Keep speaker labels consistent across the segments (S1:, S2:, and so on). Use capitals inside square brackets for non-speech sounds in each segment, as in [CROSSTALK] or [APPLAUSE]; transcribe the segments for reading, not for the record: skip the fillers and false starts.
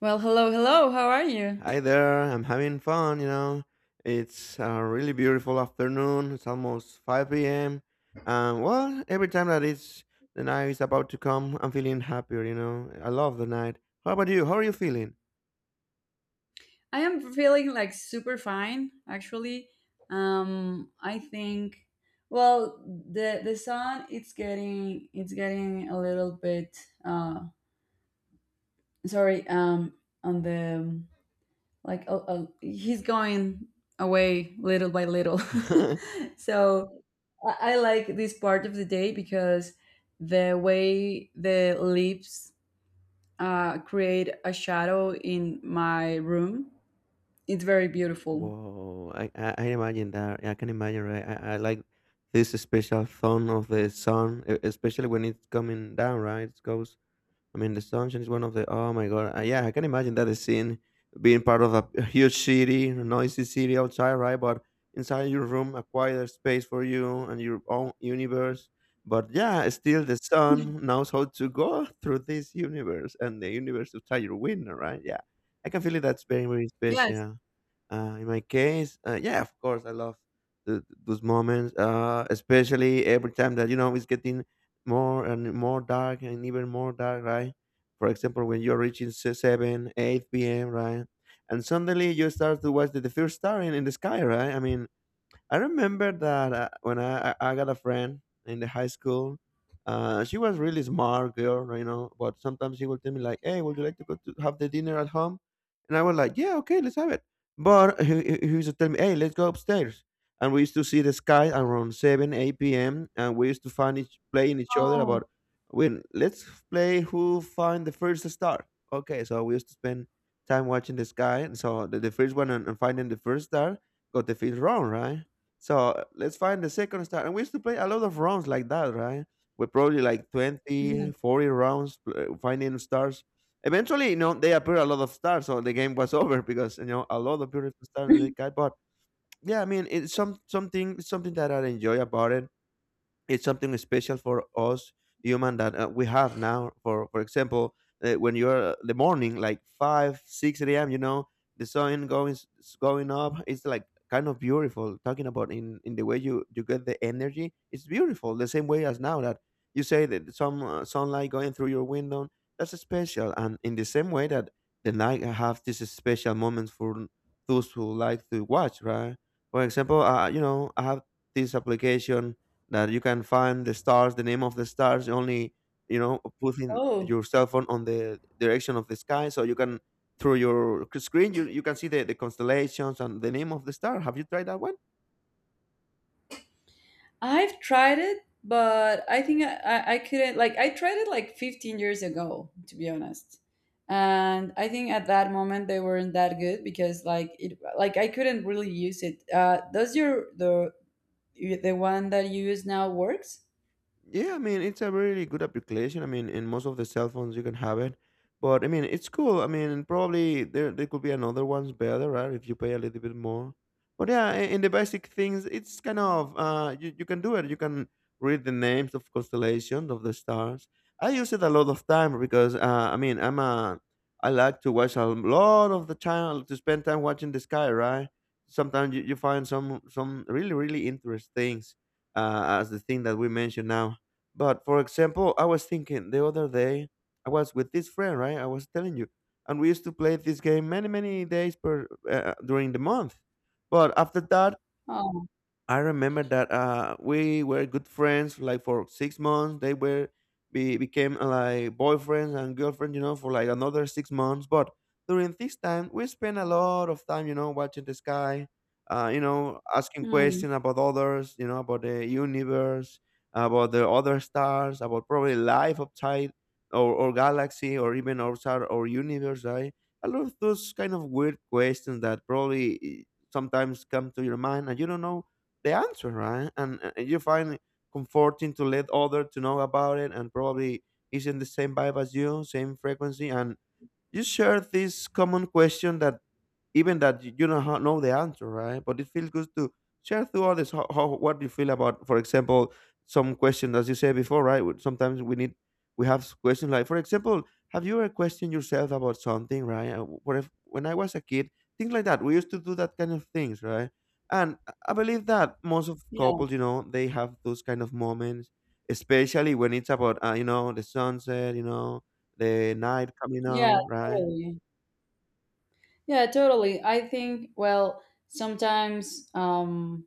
S1: Well, hello, hello. How are you?
S2: Hi there, I'm having fun, you know. It's a really beautiful afternoon. It's almost 5 p.m. And well, every time that it's the night is about to come, I'm feeling happier, you know. I love the night. How about you? How are you feeling?
S1: I am feeling like super fine, actually. I think, well, the sun it's getting a little bit. Uh, sorry. On the like, oh, he's going away little by little.
S2: [LAUGHS]
S1: [LAUGHS] So I like this part of the day because the way the leaves create a shadow in my room. It's very beautiful.
S2: Whoa, I imagine that. Yeah, I can imagine, right? I like this special tone of the sun, especially when it's coming down, right? It goes, I mean, the sunshine is one of the. Oh my god! Yeah, I can imagine that the scene being part of a huge city, a noisy city outside, right? But inside your room, a quieter space for you and your own universe. But yeah, still the sun knows how to go [LAUGHS] through this universe, and the universe outside your window, right? Yeah, I can feel it. That's very, very
S1: Yes.
S2: special. In my case, yeah, of course, I love those moments, especially every time that you know it's getting more and more dark and even more dark, right? For example, when you're reaching seven, eight p.m., right, and suddenly you start to watch the first star in the sky, right? I mean, I remember that when I got a friend in the high school, she was really smart girl, you know. But sometimes she would tell me like, "Hey, would you like to go to have the dinner at home?" And I was like, "Yeah, okay, let's have it." But he used to tell me, "Hey, let's go upstairs." And we used to see the sky around seven, eight p.m. And we used to find each playing each other
S1: Oh. [LAUGHS]
S2: about when let's play who find the first star. Okay, so we used to spend time watching the sky, and so the first one and finding the first star got the fifth round, right? So let's find the second star. And we used to play a lot of rounds like that, right? We probably like 20, 40 rounds finding stars. Eventually, you know, they appear a lot of stars, so the game was [LAUGHS] over because you know a lot of beautiful stars they
S1: Mhm.
S2: got. But yeah, I mean, it's something that I enjoy about it, it's something special for us human that we have now for example, when you're the morning like 5 6 a.m, you know, the sun going going up, it's like kind of beautiful, talking about in the way you get the energy. It's beautiful the same way as now that you say that some sunlight going through your window, that's special, and in the same way that the night have these special moments for those who like to watch, right? For example, you know, I have this application that you can find the stars, the name of the stars, only you know putting
S1: Oh,
S2: your cell phone on the direction of the sky, so you can, through your screen, you can see the constellations and the name of the star. Have you tried that one?
S1: I've tried it, but I think I couldn't like I tried it like 15 years ago, to be honest. And I think at that moment they weren't that good because like it like I couldn't really use it. Does your the one that you use now works?
S2: Yeah, I mean, it's a really good application. I mean, in most of the cell phones you can have it. But I mean, it's cool. I mean, probably there could be another one's better, right? If you pay a little bit more. But yeah, in the basic things, it's kind of you can do it. You can read the names of constellations of the stars. I use it a lot of time because I mean, I'm a, I like to watch a lot of the time, to spend time watching the sky, right? Sometimes you find some really really interesting things, as the thing that we mentioned now. But for example, I was thinking the other day, I was with this friend, right? I was telling you, and we used to play this game many, many days per during the month. But after that,
S1: Oh,
S2: I remember that we were good friends like for 6 months. They were be became like boyfriends and girlfriends, you know, for like another 6 months. But during this time, we spent a lot of time, you know, watching the sky, you know, asking
S1: mm,
S2: questions about others, you know, about the universe, about the other stars, about probably life outside or galaxy or even outside our universe, right? A lot of those kind of weird questions that probably sometimes come to your mind and you don't know the answer, right? And you find it comforting to let other to know about it and probably is in the same vibe as you, same frequency, and you share this common question that even that you don't know the answer, right? But it feels good to share to others how what you feel about, for example, some question as you said before, right? Sometimes we need, we have questions like, for example, have you ever questioned yourself about something, right? What if when I was a kid, things like that. We used to do that kind of things, right? And I believe that most of
S1: yeah,
S2: couples, you know, they have those kind of moments, especially when it's about, you know, the sunset, you know, the night coming
S1: yeah,
S2: out, right?
S1: totally. Yeah, totally. I think well sometimes. um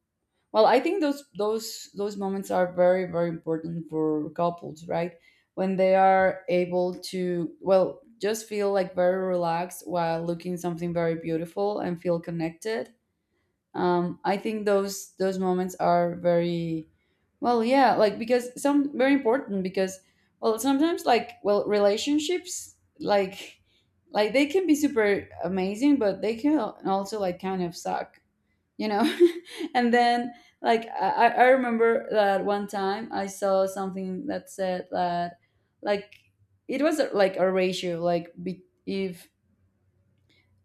S1: Well, I think those moments are very very important for couples, right? When they are able to well just feel like very relaxed while looking something very beautiful and feel connected. I think those moments are very well, yeah, like because some very important because well sometimes like well relationships like they can be super amazing, but they can also like kind of suck, you know. [LAUGHS] And then like I remember that one time I saw something that said that like it was like a ratio like if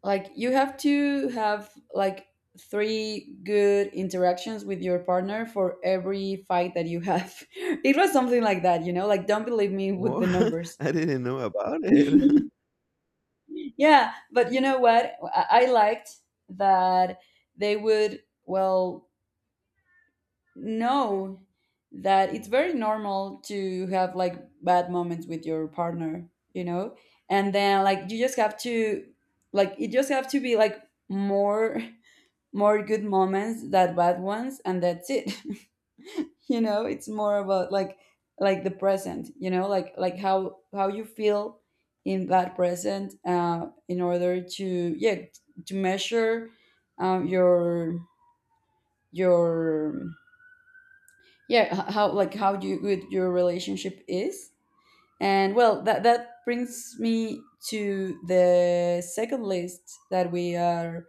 S1: like you have to have like three good interactions with your partner for every fight that you have. [LAUGHS] It was something like that, you know, like don't believe me with
S2: Whoa,
S1: the numbers.
S2: [LAUGHS] I didn't know about it. [LAUGHS]
S1: [LAUGHS] Yeah, but you know what, I liked that they would well know that it's very normal to have like bad moments with your partner, you know? And then like you just have to like it just have to be like more [LAUGHS] more good moments than bad ones and that's it. [LAUGHS] You know, it's more about like the present, you know, like how you feel in that present in order to, yeah, to measure um your your yeah how like how you, good your relationship is. And well that brings me to the second list that we are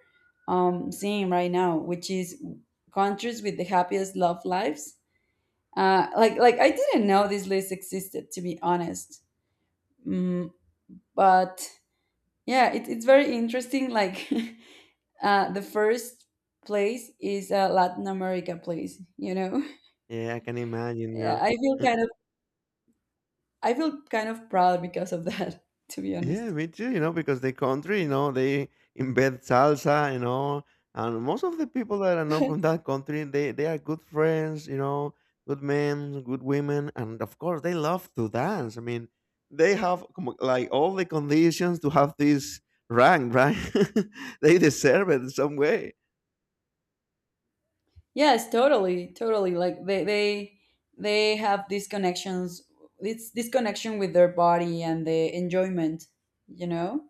S1: seeing right now, which is countries with the happiest love lives. Like I didn't know this list existed, to be honest. mm, but yeah, it's very interesting like. [LAUGHS] The first place is a latin america place, you know. [LAUGHS]
S2: Yeah, I can imagine
S1: Yeah,
S2: now. Uh,
S1: I feel kind of proud because of that, [LAUGHS] to be
S2: yeah,
S1: honest.
S2: me too, you know, because the country, you know, they embed salsa, you know, and most of the people that I know from that country, they are good friends, you know, good men, good women, and of course they love to dance. I mean, they have like all the conditions to have this rank, right? [LAUGHS] They deserve it in some way.
S1: Yes, totally, totally. Like they have these connections. It's this connection with their body and the enjoyment. You know,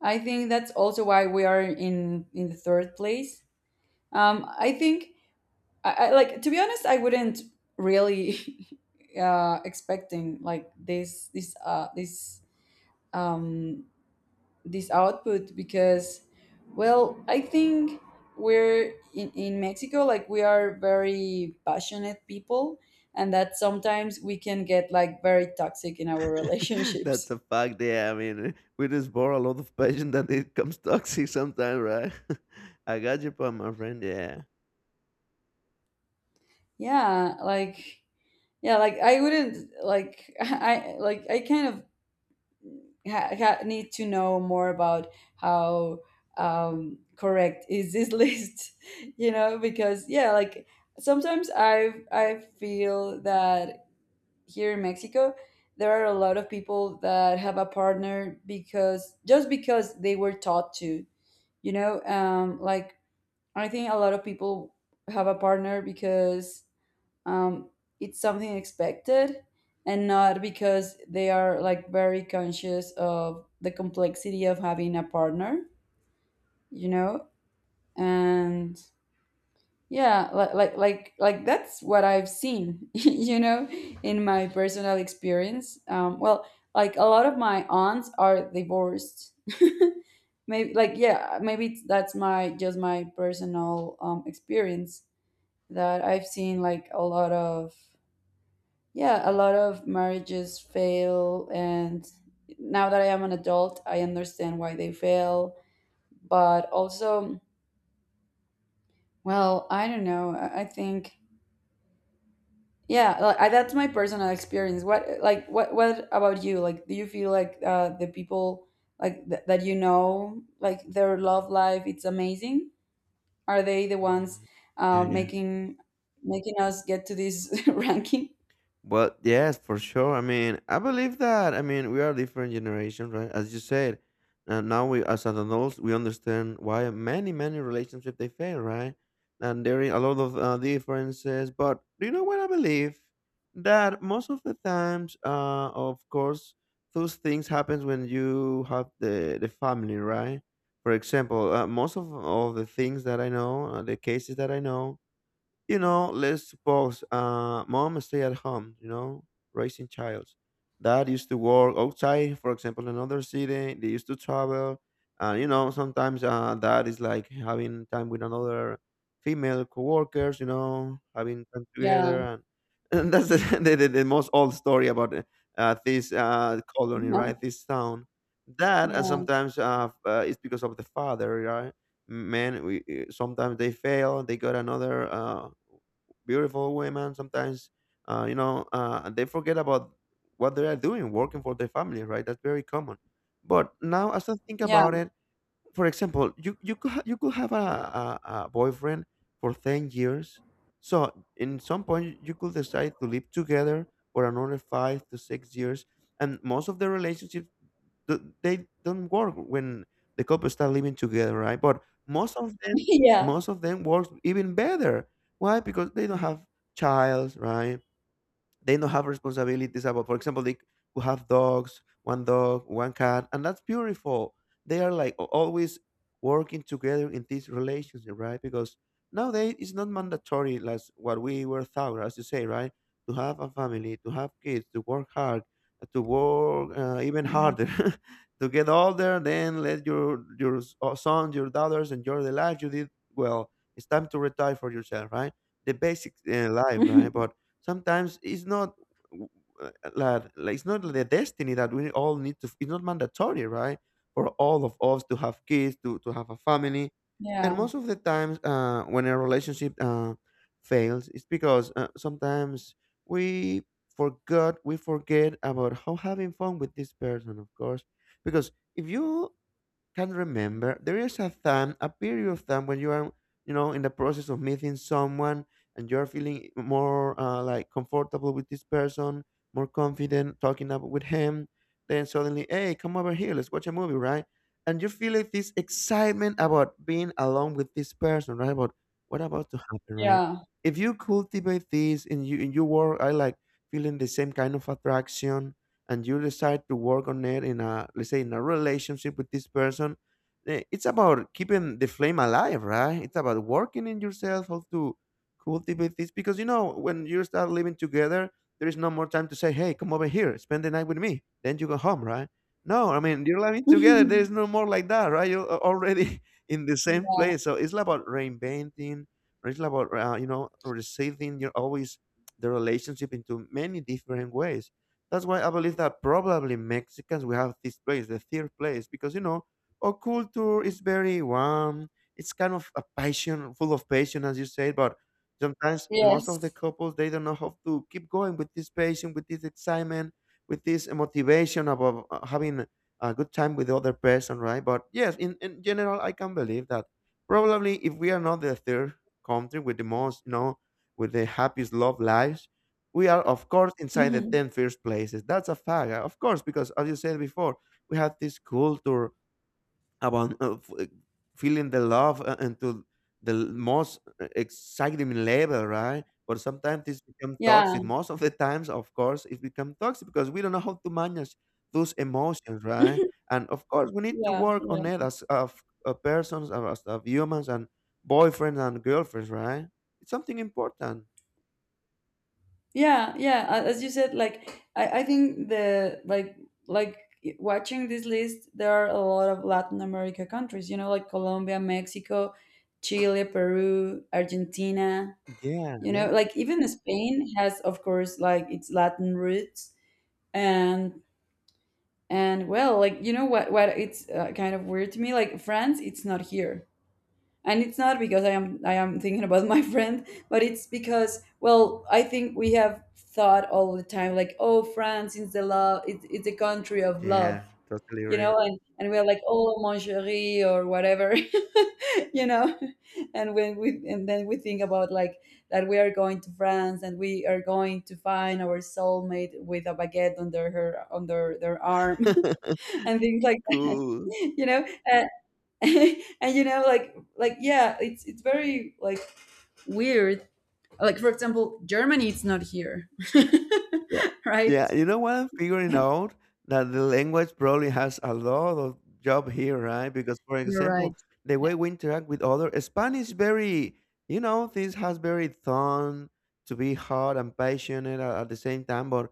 S1: I think that's also why we are in the third place. I think I like, to be honest. I wouldn't really [LAUGHS] expecting like um, this output because well I think we're in mexico, like we are very passionate people and that sometimes we can get like very toxic in our [LAUGHS]
S2: [LAUGHS] That's
S1: relationships.
S2: a fact. Yeah, I mean, eh, we just borrow a lot of patience that it comes [LAUGHS] toxic sometimes, right? [LAUGHS] I got you, point, my friend. Yeah.
S1: yeah like yeah, like I wouldn't like, [LAUGHS] I like I kind of need to know more about how correct is this [LAUGHS] list. You know, because yeah, like sometimes I feel that here in Mexico, there are a lot of people that have a partner because just because they were taught to, you know, like I think a lot of people have a partner because um, it's something expected, and not because they are like very conscious of the complexity of having a partner, you know. And yeah, like that's what I've seen, [LAUGHS] you know, in my personal experience. Well, like a lot of my aunts are divorced. Maybe, like, yeah, maybe that's my just my personal experience that I've seen like a lot of, yeah, a lot of marriages fail. And now that I am an adult, I understand why they fail, but also, well, I don't know. I think, yeah, like, that's my personal experience. What about you? Like, do you feel like the people like that you know, like their love life, it's amazing? Are they the ones
S2: Mm,
S1: uh,
S2: yeah, yeah.
S1: making making us get to this [LAUGHS] ranking?
S2: Well, yes, for sure. I mean, I believe that. I mean, we are different generation, right? As you said, and now we, as adults, we understand why many, many relationships they fail, right? And there are a lot of differences. But do you know what I believe? That most of the times, of course, those things happens when you have the family, right? For example, most of all the things that I know, the cases that I know, you know, let's suppose mom stay at home, you know, raising child. Dad used to work outside, for example, another city. They used to travel. And, you know, sometimes dad is like having time with another female co-workers, you know, having time
S1: Yeah,
S2: together. And, [LAUGHS] and that's the, [LAUGHS] the most old story about this colony,
S1: yeah,
S2: right? This town. That and
S1: yeah,
S2: sometimes it's because of the father, right? Men we, eh, sometimes they fail, they got another beautiful women sometimes, you know they forget about what they are doing working for their family, right? That's very common. But now as I think
S1: yeah,
S2: about it, for example, you could, you could have a, a boyfriend for 10 years, so in some point you could decide to live together for another 5 to 6 years, and most of the relationships they don't work when the couple start living together, right? But
S1: [LAUGHS] yeah,
S2: most of them works even better. Why? Because they don't have child, right? They don't have responsibilities about, for example, they could have dogs, one dog, one cat, and that's beautiful. They are like always working together in this relationship, right? Because nowadays it's not mandatory, like what we were taught, as you say, right? To have a family, to have kids, to work hard, to work even
S1: yeah,
S2: harder, [LAUGHS] to get older, then let your sons, your daughters enjoy the life you did. Well, it's time to retire for yourself, right? The basic life, right?
S1: [LAUGHS]
S2: But sometimes it's not, like it's not the destiny that we all need to, it's not mandatory, right, for all of us to have kids, to have a family.
S1: yeah,
S2: And most of the times, when a relationship fails, it's because, sometimes we forgot we forget about how having fun with this person. Of course, because if you can remember, there is a time, a period of time, when you are, you know, in the process of meeting someone, and you're feeling more, like, comfortable with this person, more confident talking up with him. Then suddenly, hey, come over here, let's watch a movie, right? And you feel like this excitement about being alone with this person, right, about what about to happen, right?
S1: yeah,
S2: If you cultivate this in you, in your work, I like feeling the same kind of attraction, and you decide to work on it in, a let's say, in a relationship with this person. It's about keeping the flame alive, right? It's about working in yourself how to cultivate this, because, you know, when you start living together, there is no more time to say, hey, come over here, spend the night with me, then you go home, right? No, I mean, you're living together, there is no
S1: [LAUGHS]
S2: more like that, right? You're already [LAUGHS] in the same
S1: yeah.
S2: place, so it's like about reinventing, or it's like about, you know, receiving, you're always the relationship into many different ways. That's why I believe that probably Mexicans, we have this place, the third place, because, you know, our culture is very warm. It's kind of a passion, full of passion, as you said. But sometimes most of the
S1: Yes.
S2: couples, they don't know how to keep going with this passion, with this excitement, with this motivation about having a good time with the other person, right? But yes, in general, I can believe that probably if we are not the third country with the most, you know, with the happiest love lives, we are, of course, inside the
S1: Mhm.
S2: 10 first places. That's a fact, of course, because as you said before, we have this culture about feeling the love into most exciting level, right? But sometimes it's become
S1: Yeah,
S2: toxic. Most of the times, of course, it become toxic because we don't know how to manage those emotions,
S1: [LAUGHS]
S2: right? And of course, we need to
S1: yeah,
S2: work
S1: yeah.
S2: on it as of persons, as of humans, and boyfriends and girlfriends, right? It's something important.
S1: Yeah, yeah, as you said, like I think the like like watching this list, there are a lot of latin america countries, you know, like colombia, mexico, chile, peru, argentina.
S2: Yeah,
S1: You
S2: yeah.
S1: know, like even spain has, of course, like its latin roots. And well, like you know what it's, kind of weird to me, like france, it's not here. And it's not because I am thinking about my [LAUGHS] friend, but it's because well I think we have thought all the time like, oh, france is the love, it's the country of love.
S2: Yeah, totally
S1: You know
S2: agree.
S1: and we're like, oh mon chéri or whatever. [LAUGHS] You know, and when we and then we think about like that we are going to france and we are going to find our soulmate with a baguette under their arm. [LAUGHS]
S2: [LAUGHS]
S1: And things like that,
S2: Cool.
S1: you know. Uh, [LAUGHS] and you know like yeah, it's very like weird, like for example germany, it's not here.
S2: Yeah.
S1: [LAUGHS]
S2: Yeah,
S1: Right.
S2: you know what I'm figuring out? That the language probably has a lot of job here, right? Because, for
S1: You're right.
S2: example, the
S1: Yeah.
S2: way we interact with other Spanish very, you know, this has very tone to be hot and passionate at the same time. But,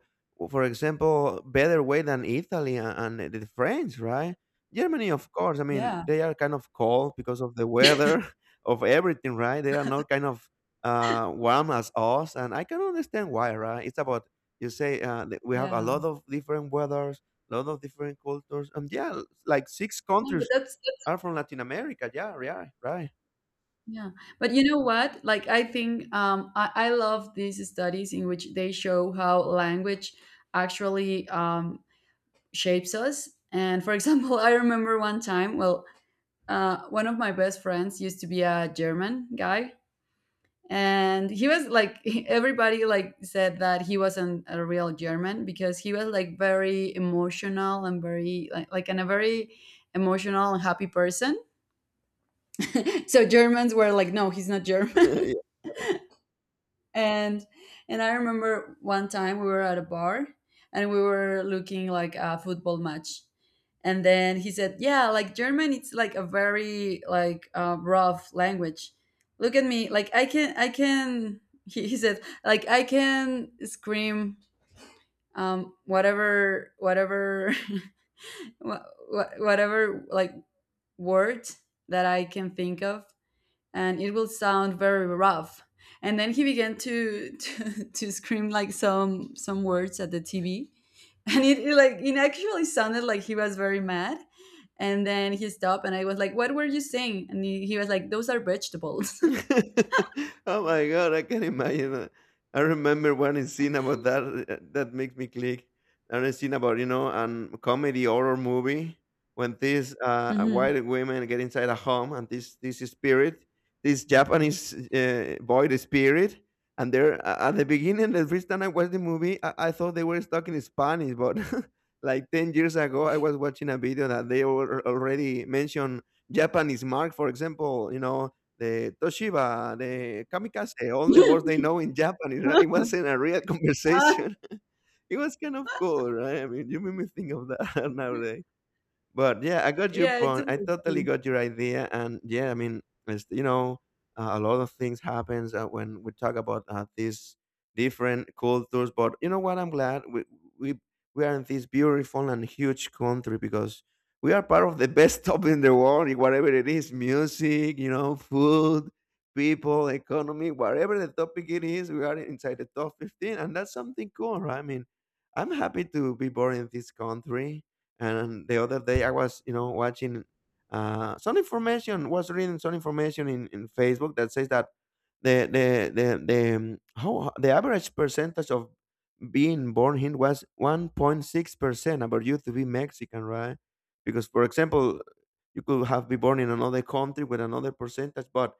S2: for example, better way than Italy and the French, right? Germany, of course. I mean,
S1: Yeah,
S2: they are kind of cold because of the weather, [LAUGHS] of everything, right? They are not kind of warm as us, and I can understand why, right? It's about you say that we have a
S1: yeah,
S2: lot of different weathers, a lot of different cultures, and yeah, like six
S1: no, but
S2: countries
S1: that's
S2: are from Latin America. Yeah, yeah, right.
S1: yeah, but you know what, like I think I love these studies in which they show how language actually shapes us. And for example, [LAUGHS] I remember one time well one of my best friends used to be a german guy. And he was like [LAUGHS] everybody like said that he wasn't a real german because he was like very emotional and very like and a very emotional and happy person. [LAUGHS] So germans were like, no, he's not
S2: [LAUGHS]
S1: german.
S2: yeah,
S1: [LAUGHS] And I remember one time we were at a bar and we were looking like a football match. And then he said, yeah, like german, it's like a very like rough language. Look at me, like I can [LAUGHS] he said like I can scream whatever, whatever, [LAUGHS] wha- whatever, like word that I can think of, and it will sound very rough. And then he began [LAUGHS] to scream like some words at the tv. And like it actually sounded like he was very mad. And then he stopped, and I was like, what were you saying? And he was like, those are vegetables.
S2: [LAUGHS] Oh my god, I can imagine that. I remember one scene about that that makes me click. One scene about, you know, a comedy horror movie when these
S1: [LAUGHS] Hmm,
S2: white women get inside a home, and this spirit, this Japanese boy, the spirit, and they're at the beginning. The first time I watched the movie, I thought they were stuck in Spanish, but [LAUGHS] like 10 years ago, I was watching a video that they were already mentioned Japanese mark, for example, you know, the Toshiba, the kamikaze, all the words they know in Japanese, right? It wasn't a real [LAUGHS] conversation. [LAUGHS] It was kind of cool, right? I mean, you made me think of that [LAUGHS] nowadays. But yeah, I got your
S1: yeah, it's a
S2: point. I
S1: bit
S2: totally
S1: funny.
S2: got your idea, and yeah, I mean, it's, you know, a lot of things happens when we talk about these different cultures. But you know what? I'm glad we we are in this beautiful and huge country, because we are part of the [LAUGHS] best top in the world, in whatever it is, music, you know, food, people, economy, whatever the topic it is, we are inside the top 15, and that's something cool, right? I mean, I'm happy to be born in this country. And the other day I was, you know, watching some information, was reading some information in Facebook that says that the how the average percentage of being born here was 1.6 percent about you to be Mexican, right? Because, for example, you could have been born in another country with another percentage, but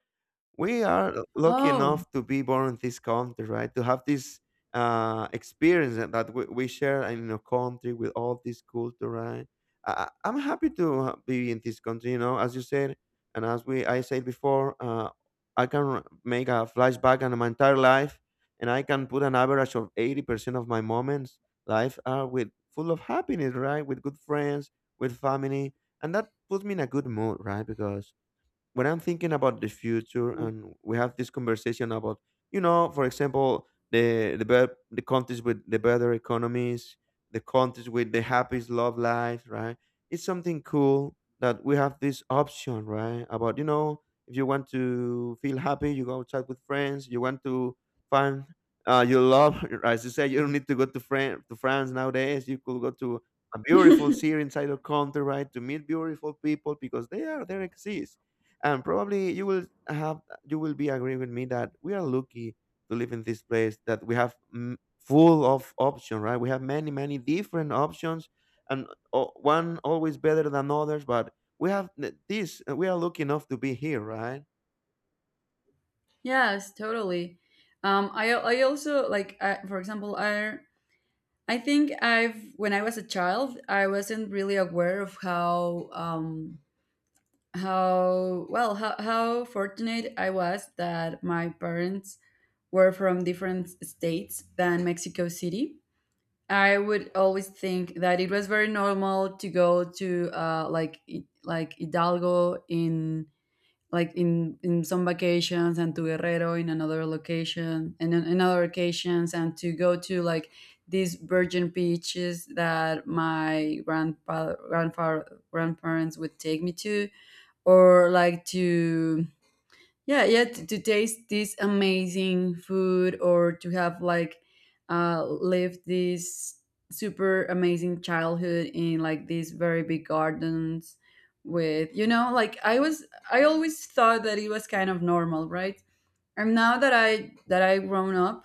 S2: we are lucky
S1: Oh.
S2: enough to be born in this country, right? To have this experience that that we share in a country with all this culture, right? I'm happy to be in this country, you know, as you said, and as we I said before, I can make a flashback on my entire life, and I can put an average of 80% of my moments life are with full of happiness, right? With good friends, with family, and that puts me in a good mood, right? Because when I'm thinking about the future and we have this conversation about, you know, for example, the countries with the better economies, the countries with the happiest love life, right? It's something cool that we have this option, right? About, you know, if you want to feel happy, you go chat with friends, you want to find your love, [LAUGHS] as you say, you don't need to go to France. To France nowadays, you could go to a beautiful
S1: [LAUGHS]
S2: city inside your country, right, to meet beautiful people because they are there exist, and probably you will have, you will be agreeing with me that we are lucky to live in this place, that we have full of options, right? We have many different options, and one always better than others, but we have th- this we are lucky enough to be here, right?
S1: Yes, totally. I also like, for example I think I've when I was a child, I wasn't really aware of how how fortunate I was that my parents were from different states than mexico city. I would always think that it was very normal to go to, like like hidalgo in, in some vacations, and to guerrero in another location, and in other occasions, and to go to like these virgin beaches that my grandparents would take me to, or like to, yeah, yeah, to taste this amazing food, or to have like lived this super amazing childhood in like these very big gardens with, you know, like I always thought that it was kind of normal, right? And now that I grown up.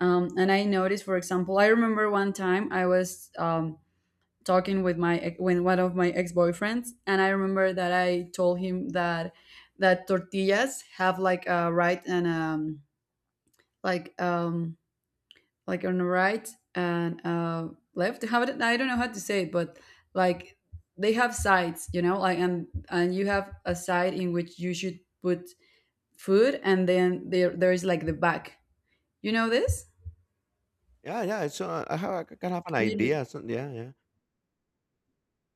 S1: And I noticed, for example, I remember one time I was, talking with my with one of my ex-boyfriends, and I remember that I told him that tortillas have like a right, and like um like on the right and left, how it, I don't know how to say it, but like they have sides, you know, like. And you have a side in which you should put food, and then there is like the back, you know this.
S2: Yeah, yeah, so, I can have an
S1: You know.
S2: idea, so yeah, yeah.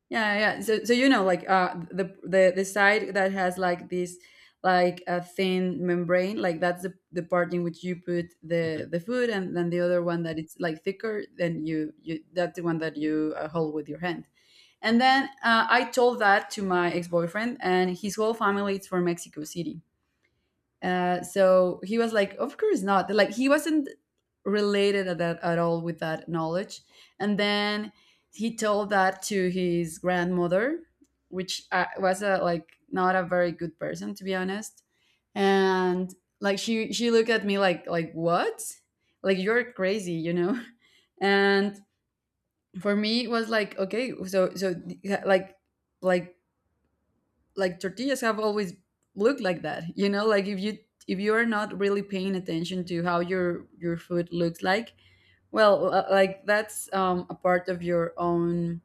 S1: Yeah, yeah. Yeah. So, you know, like, the side that has like this, like a thin membrane, like that's the part in which you put
S2: Hmm.
S1: the food, and then the other one that it's like thicker, then you that's the one that you, hold with your hand. And then, I told that to my ex boyfriend, and his whole family is from Mexico City. So he was like, of course not. Like he wasn't related at, that, at all with that knowledge. And then he told that to his grandmother, which, was like not a very good person, to be honest. And like she looked at me like, what? Like you're crazy, you know? [LAUGHS] And for me it was like, okay, so like like like tortillas have always looked like that, like if you are not really paying attention to how your food looks like. Well, like that's a part of your own,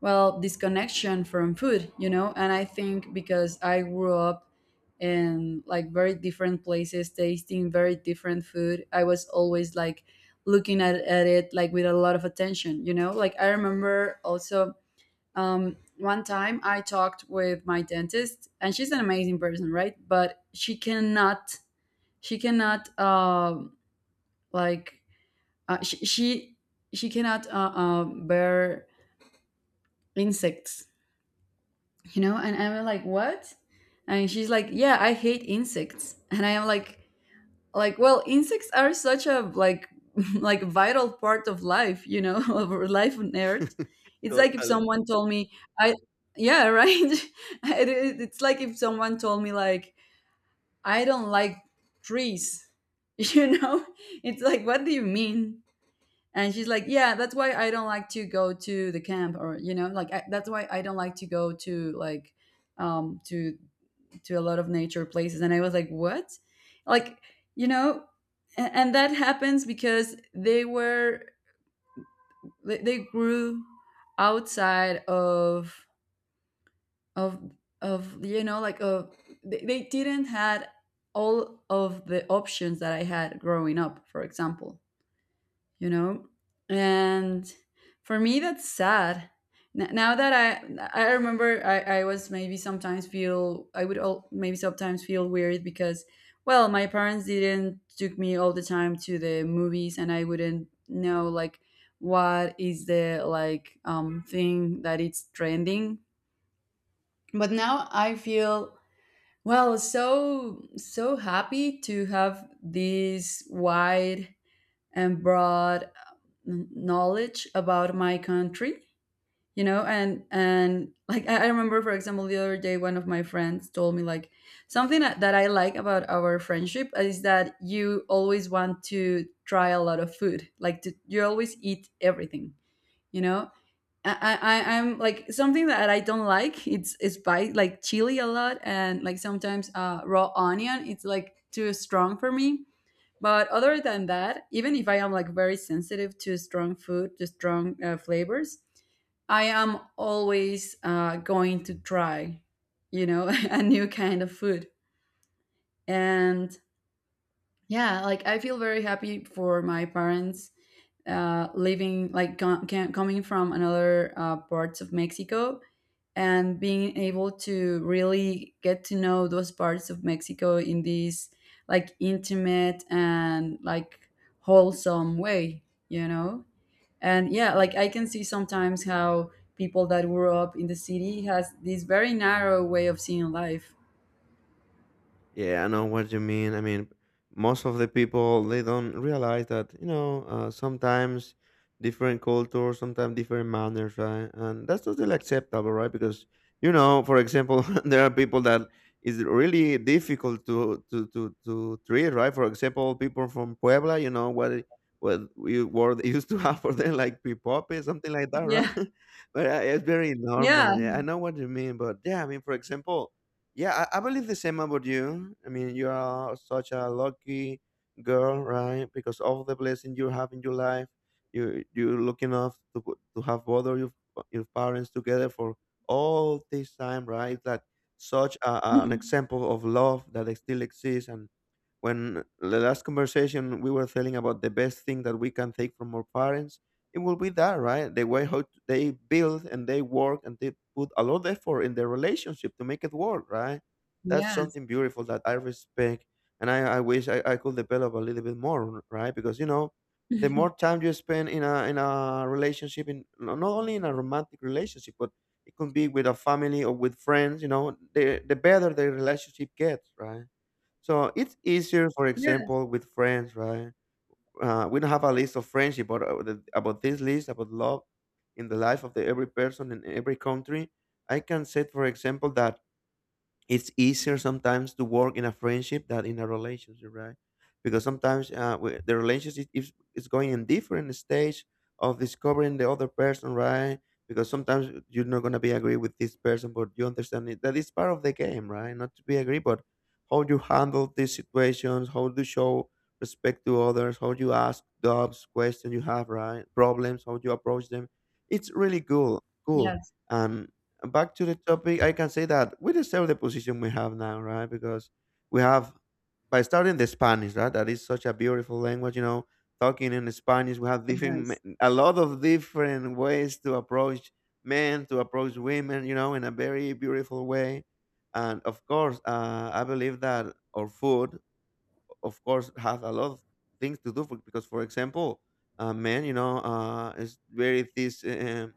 S1: well, disconnection from food. And I think because I grew up in like very different places tasting very different food, I was always like looking at it like with a lot of attention. Like, I remember also one time I talked with my dentist, and she's an amazing person, right? But she cannot, um, like, uh, she, she, she cannot bear insects, you know? And I'm like, what? And she's like, yeah, I hate insects. And I am like well, insects are such a like [LAUGHS] like vital part of life, you know, [LAUGHS] of our life on earth. It's like if
S2: Totally.
S1: someone told me, I yeah, [LAUGHS] right, [LAUGHS] it's like if someone told me, like, I don't like trees. [LAUGHS] you know it's like, what do you mean? And she's like, yeah, that's why I don't like to go to the camp, or that's why I don't like to go to, like, um to to a lot of nature places. And I was like, what? like you know and that happens because they grew outside of of of you know like of, they didn't had all of the options that I had growing up, for example. you know and for me, that's sad. Now that I remember, I was, maybe sometimes feel weird because, well, my parents didn't took me all the time to the movies and I wouldn't know like what is the like thing that it's trending. But now I feel, well, so happy to have this wide and broad knowledge about my country. And like I remember, for example, the other day one of my friends told me like, something that I like about our friendship is that you always want to try a lot of food, you always eat everything. you know I'm like, something that I don't like, it's spice like chili a lot, and like sometimes raw onion, it's like too strong for me. But other than that, even if I am like very sensitive to strong food, to strong flavors, I am always going to try, [LAUGHS] a new kind of food. And, yeah, like I feel very happy for my parents living, like coming from another parts of Mexico, and being able to really get to know those parts of Mexico in this like intimate and like wholesome way, you know? And, yeah, like I can see sometimes how people that grew up in the city has this very narrow way of seeing life.
S2: Yeah, I know what you mean. I mean, most of the people, they don't realize that, you know, sometimes different cultures, sometimes different manners, right? And that's totally acceptable, right? Because, you know, for example, [LAUGHS] there are people that is really difficult to treat, right? For example, people from Puebla, you know what. What we were they [LAUGHS] used to have for them, like pipope, something like that, right?
S1: Yeah.
S2: [LAUGHS] But it's very
S1: Yeah.
S2: normal. Yeah, I know what you mean. But yeah, I mean, for example, yeah, I believe the same about you. I mean, you are such a lucky girl, right? Because of the blessing you have in your life, you're lucky enough to to have both of your parents together for all this time, right? That such an
S1: [LAUGHS]
S2: example of love that still exists. And when the last conversation we were telling about the best thing that we can take from our parents, it will be that, right? The way how they build and they work and they put a lot of effort in their relationship to make it work, right? That's
S1: Yes.
S2: something beautiful that I respect, and I wish I could develop a little bit more, right? Because, you know, the more
S1: [LAUGHS]
S2: time you spend in a relationship, in not only in a romantic relationship, but it could be with a family or with friends, you know, the better the relationship gets, right? So it's easier, for
S1: Yes.
S2: example, with friends, right? We don't have a list of friendship, but about this list, about love in the life of the every person in every country, I can say, for example, that it's easier sometimes to work in a friendship than in a relationship, right? Because sometimes, we, the relationship is going in different stage of discovering the other person, right? Because sometimes you're not gonna be agree with this person, but you understand it. That is part of the game, right? Not to be agree, but how you handle these situations, how you show respect to others, how you ask doubts, questions you have, right? Problems, how you approach them. It's really cool, cool.
S1: Yes.
S2: And back to the topic, I can say that we deserve the position we have now, right? Because we have, by starting the Spanish, right? That is such a beautiful language, you know. Talking in Spanish, we have different,
S1: Yes.
S2: a lot of different ways to approach men, to approach women, you know, in a very beautiful way. And of course, I believe that our food, of course, has a lot of things to do for, because, for example, men, you know, is very this.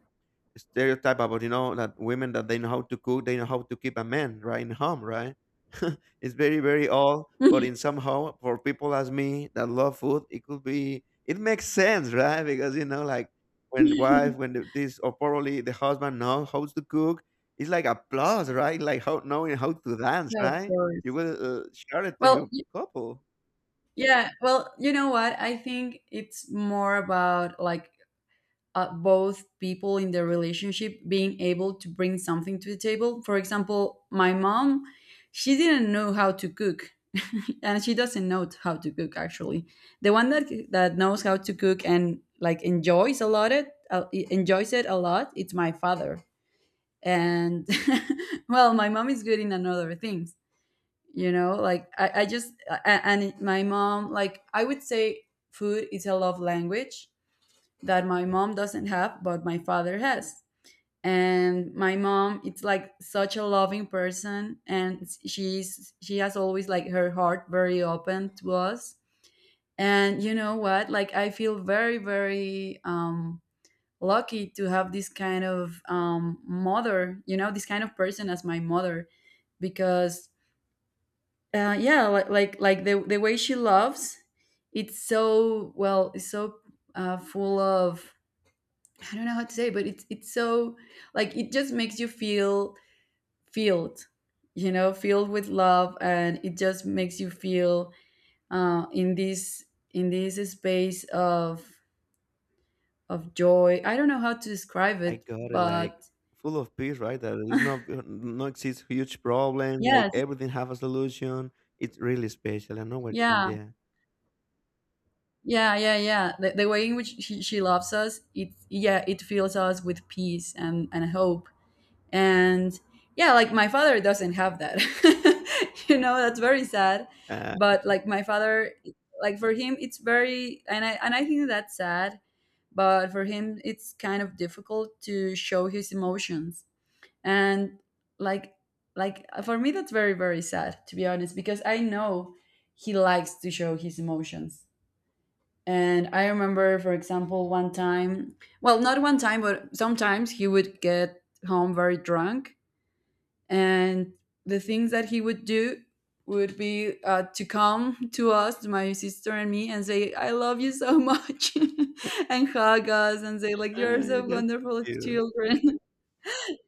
S2: Stereotype about, you know, that women, that they know how to cook, they know how to keep a man right in home, right? [LAUGHS] It's very old, but
S1: [LAUGHS]
S2: in somehow for people as me that love food, it could be, it makes sense, right? Because you know like when wife when the, this or probably the husband knows how to cook, it's like a plus, right? Like how knowing how to dance,
S1: Yeah, of
S2: right? You
S1: course.
S2: will share it to
S1: Well,
S2: your couple.
S1: yeah, well, you know what? I think it's more about like both people in the relationship being able to bring something to the table. For example, my mom, she didn't know how to cook. [LAUGHS] And she doesn't know how to cook, actually. The one that knows how to cook and like enjoys a lot, enjoys it a lot, it's my father. And, [LAUGHS] well, my mom is good in another things, like, and my mom, like, I would say food is a love language that my mom doesn't have but my father has. And my mom, it's like such a loving person, and she has always like her heart very open to us. And you know what, like I feel very, very lucky to have this kind of mother, this kind of person as my mother. Because yeah, like the way she loves, it's so, well, it's so full of, I don't know how to say, but it's so, like, it just makes you feel filled, you know, filled with love. And it just makes you feel uh, in this in this space of joy. I don't know how to describe
S2: I
S1: it,
S2: got it, like,
S1: but
S2: full of peace, right? That it's
S1: [LAUGHS]
S2: not no exists huge problem, like
S1: yes,
S2: everything have a solution. It's really special. I know what you mean
S1: yeah,
S2: there.
S1: yeah, yeah, yeah. The way in which she loves us, it fills us with peace and hope. And, yeah, like, my father doesn't have that. [LAUGHS] That's very sad.
S2: Uh,
S1: But like my father, like, for him it's very, and I think that's sad. But for him it's kind of difficult to show his emotions. And, like like, for me that's very, very sad, to be honest, because I know he likes to show his emotions. And I remember, for example, one time, well, not one time but sometimes, he would get home very drunk. And the things that he would do would be to come to us, to my sister and me, and say, "I love you so much," [LAUGHS] and hug us and say, "Like you're so
S2: [LAUGHS] that's
S1: wonderful
S2: cute.
S1: children,"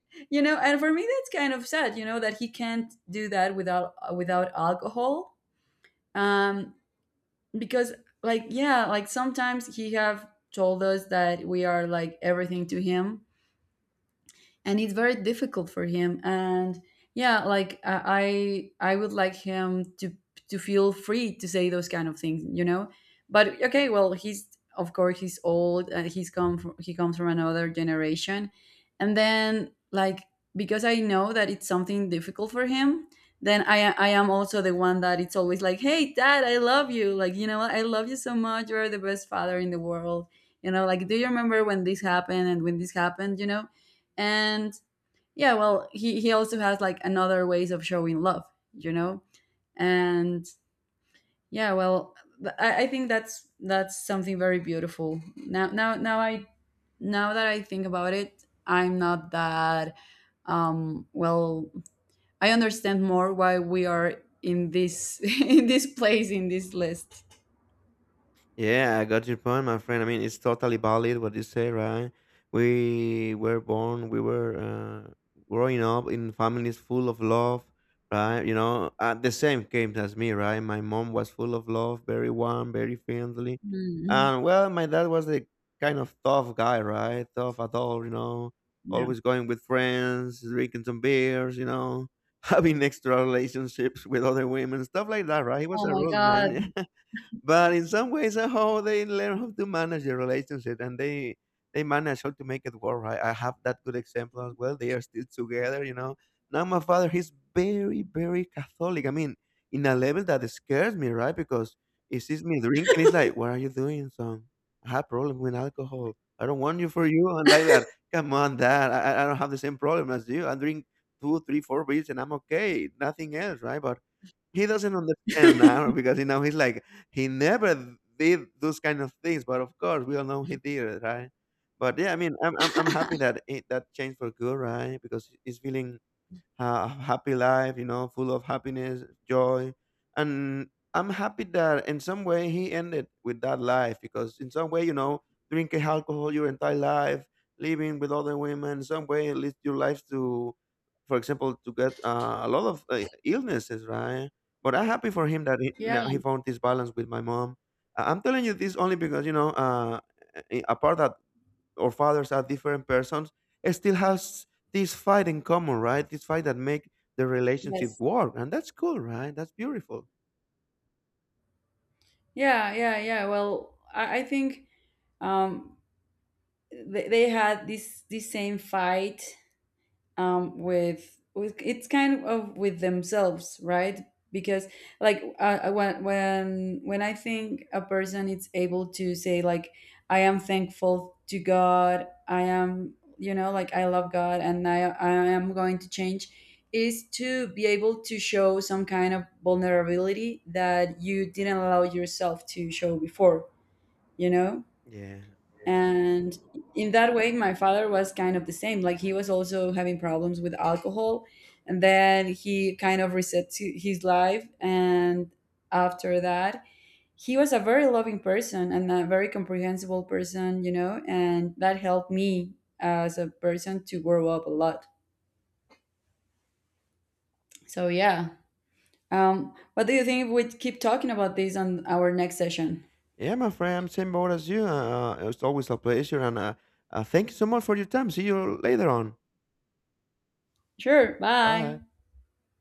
S1: [LAUGHS] . And for me, that's kind of sad, that he can't do that without without alcohol, um, because, like, yeah, like sometimes he have told us that we are like everything to him, and it's very difficult for him. And, yeah, like I would like him to feel free to say those kind of things. But, okay, well, he's, of course, he's old, and he comes from another generation. And then, like, because I know that it's something difficult for him, then I am also the one that it's always like, hey dad, I love you, like, I love you so much, you're the best father in the world. Like, do you remember when this happened, and when this happened? And, yeah, well, he also has like another ways of showing love. you know and, yeah, well, I think that's something very beautiful. Now that I think about it, I'm not that, well, I understand more why we are in this [LAUGHS] in this place, in this list.
S2: Yeah, I got your point, my friend. I mean, it's totally valid what you say, right? We were born, we were uh, growing up in families full of love, right? You know, the same came as me, right? My mom was full of love, very warm, very friendly.
S1: Mm,
S2: And well, my dad was the kind of tough guy, right? Tough at all, you know,
S1: yeah.
S2: always going with friends, drinking some beers, you know, [LAUGHS] having extra relationships with other women, stuff like that, right? He was
S1: Oh
S2: a
S1: my
S2: rude
S1: god.
S2: man. [LAUGHS] But in some ways how they learn how to manage the relationship, and they manage how to make it work, right? I have that good example as well. They are still together, you know. Now my father, he's very Catholic. I mean, in a level that scares me, right? Because he sees me drinking, he's like, what are you doing, son? I have problem with alcohol. I don't want you for you and like that. Come on, dad, I don't have the same problem as you. I drink 2 3 4 beers and I'm okay, nothing else, right? But he doesn't understand now, because, you know, he never did those kind of things, but of course we all know he did it, right? But yeah, I mean, I'm happy
S1: [LAUGHS]
S2: that it, that changed for good, right? Because he's feeling happy life, you know, full of happiness, joy. And I'm happy that in some way he ended with that life, because in some way, you know, drinking alcohol your entire life, living with other women, some way it leads your life to, for example, to get a lot of illnesses, right? But I'm happy for him that he,
S1: Yeah,
S2: now he found this balance with my mom. I'm telling you this only because, you know, apart that our fathers are different persons, it still has this fight in common, right? This fight that make the relationship
S1: yes.
S2: work, and that's cool, right? That's beautiful.
S1: Yeah, yeah, yeah. Well, I think, um, they had this same fight with it's kind of with themselves, right? Because, like, when I think a person is able to say, like, I am thankful to god, I am, like, I love god, and I am going to change, is to be able to show some kind of vulnerability that you didn't allow yourself to show before. you know
S2: Yeah,
S1: and in that way my father was kind of the same. Like, he was also having problems with alcohol, and then he kind of reset his life. And after that, he was a very loving person and a very comprehensible person, and that helped me as a person to grow up a lot. So, yeah, what do you think if we keep talking about this on our next session?
S2: yeah, my friend, I'm same boat as you. It's always a pleasure, and thank you so much for your time. See you later on.
S1: Sure, bye.
S2: Bye.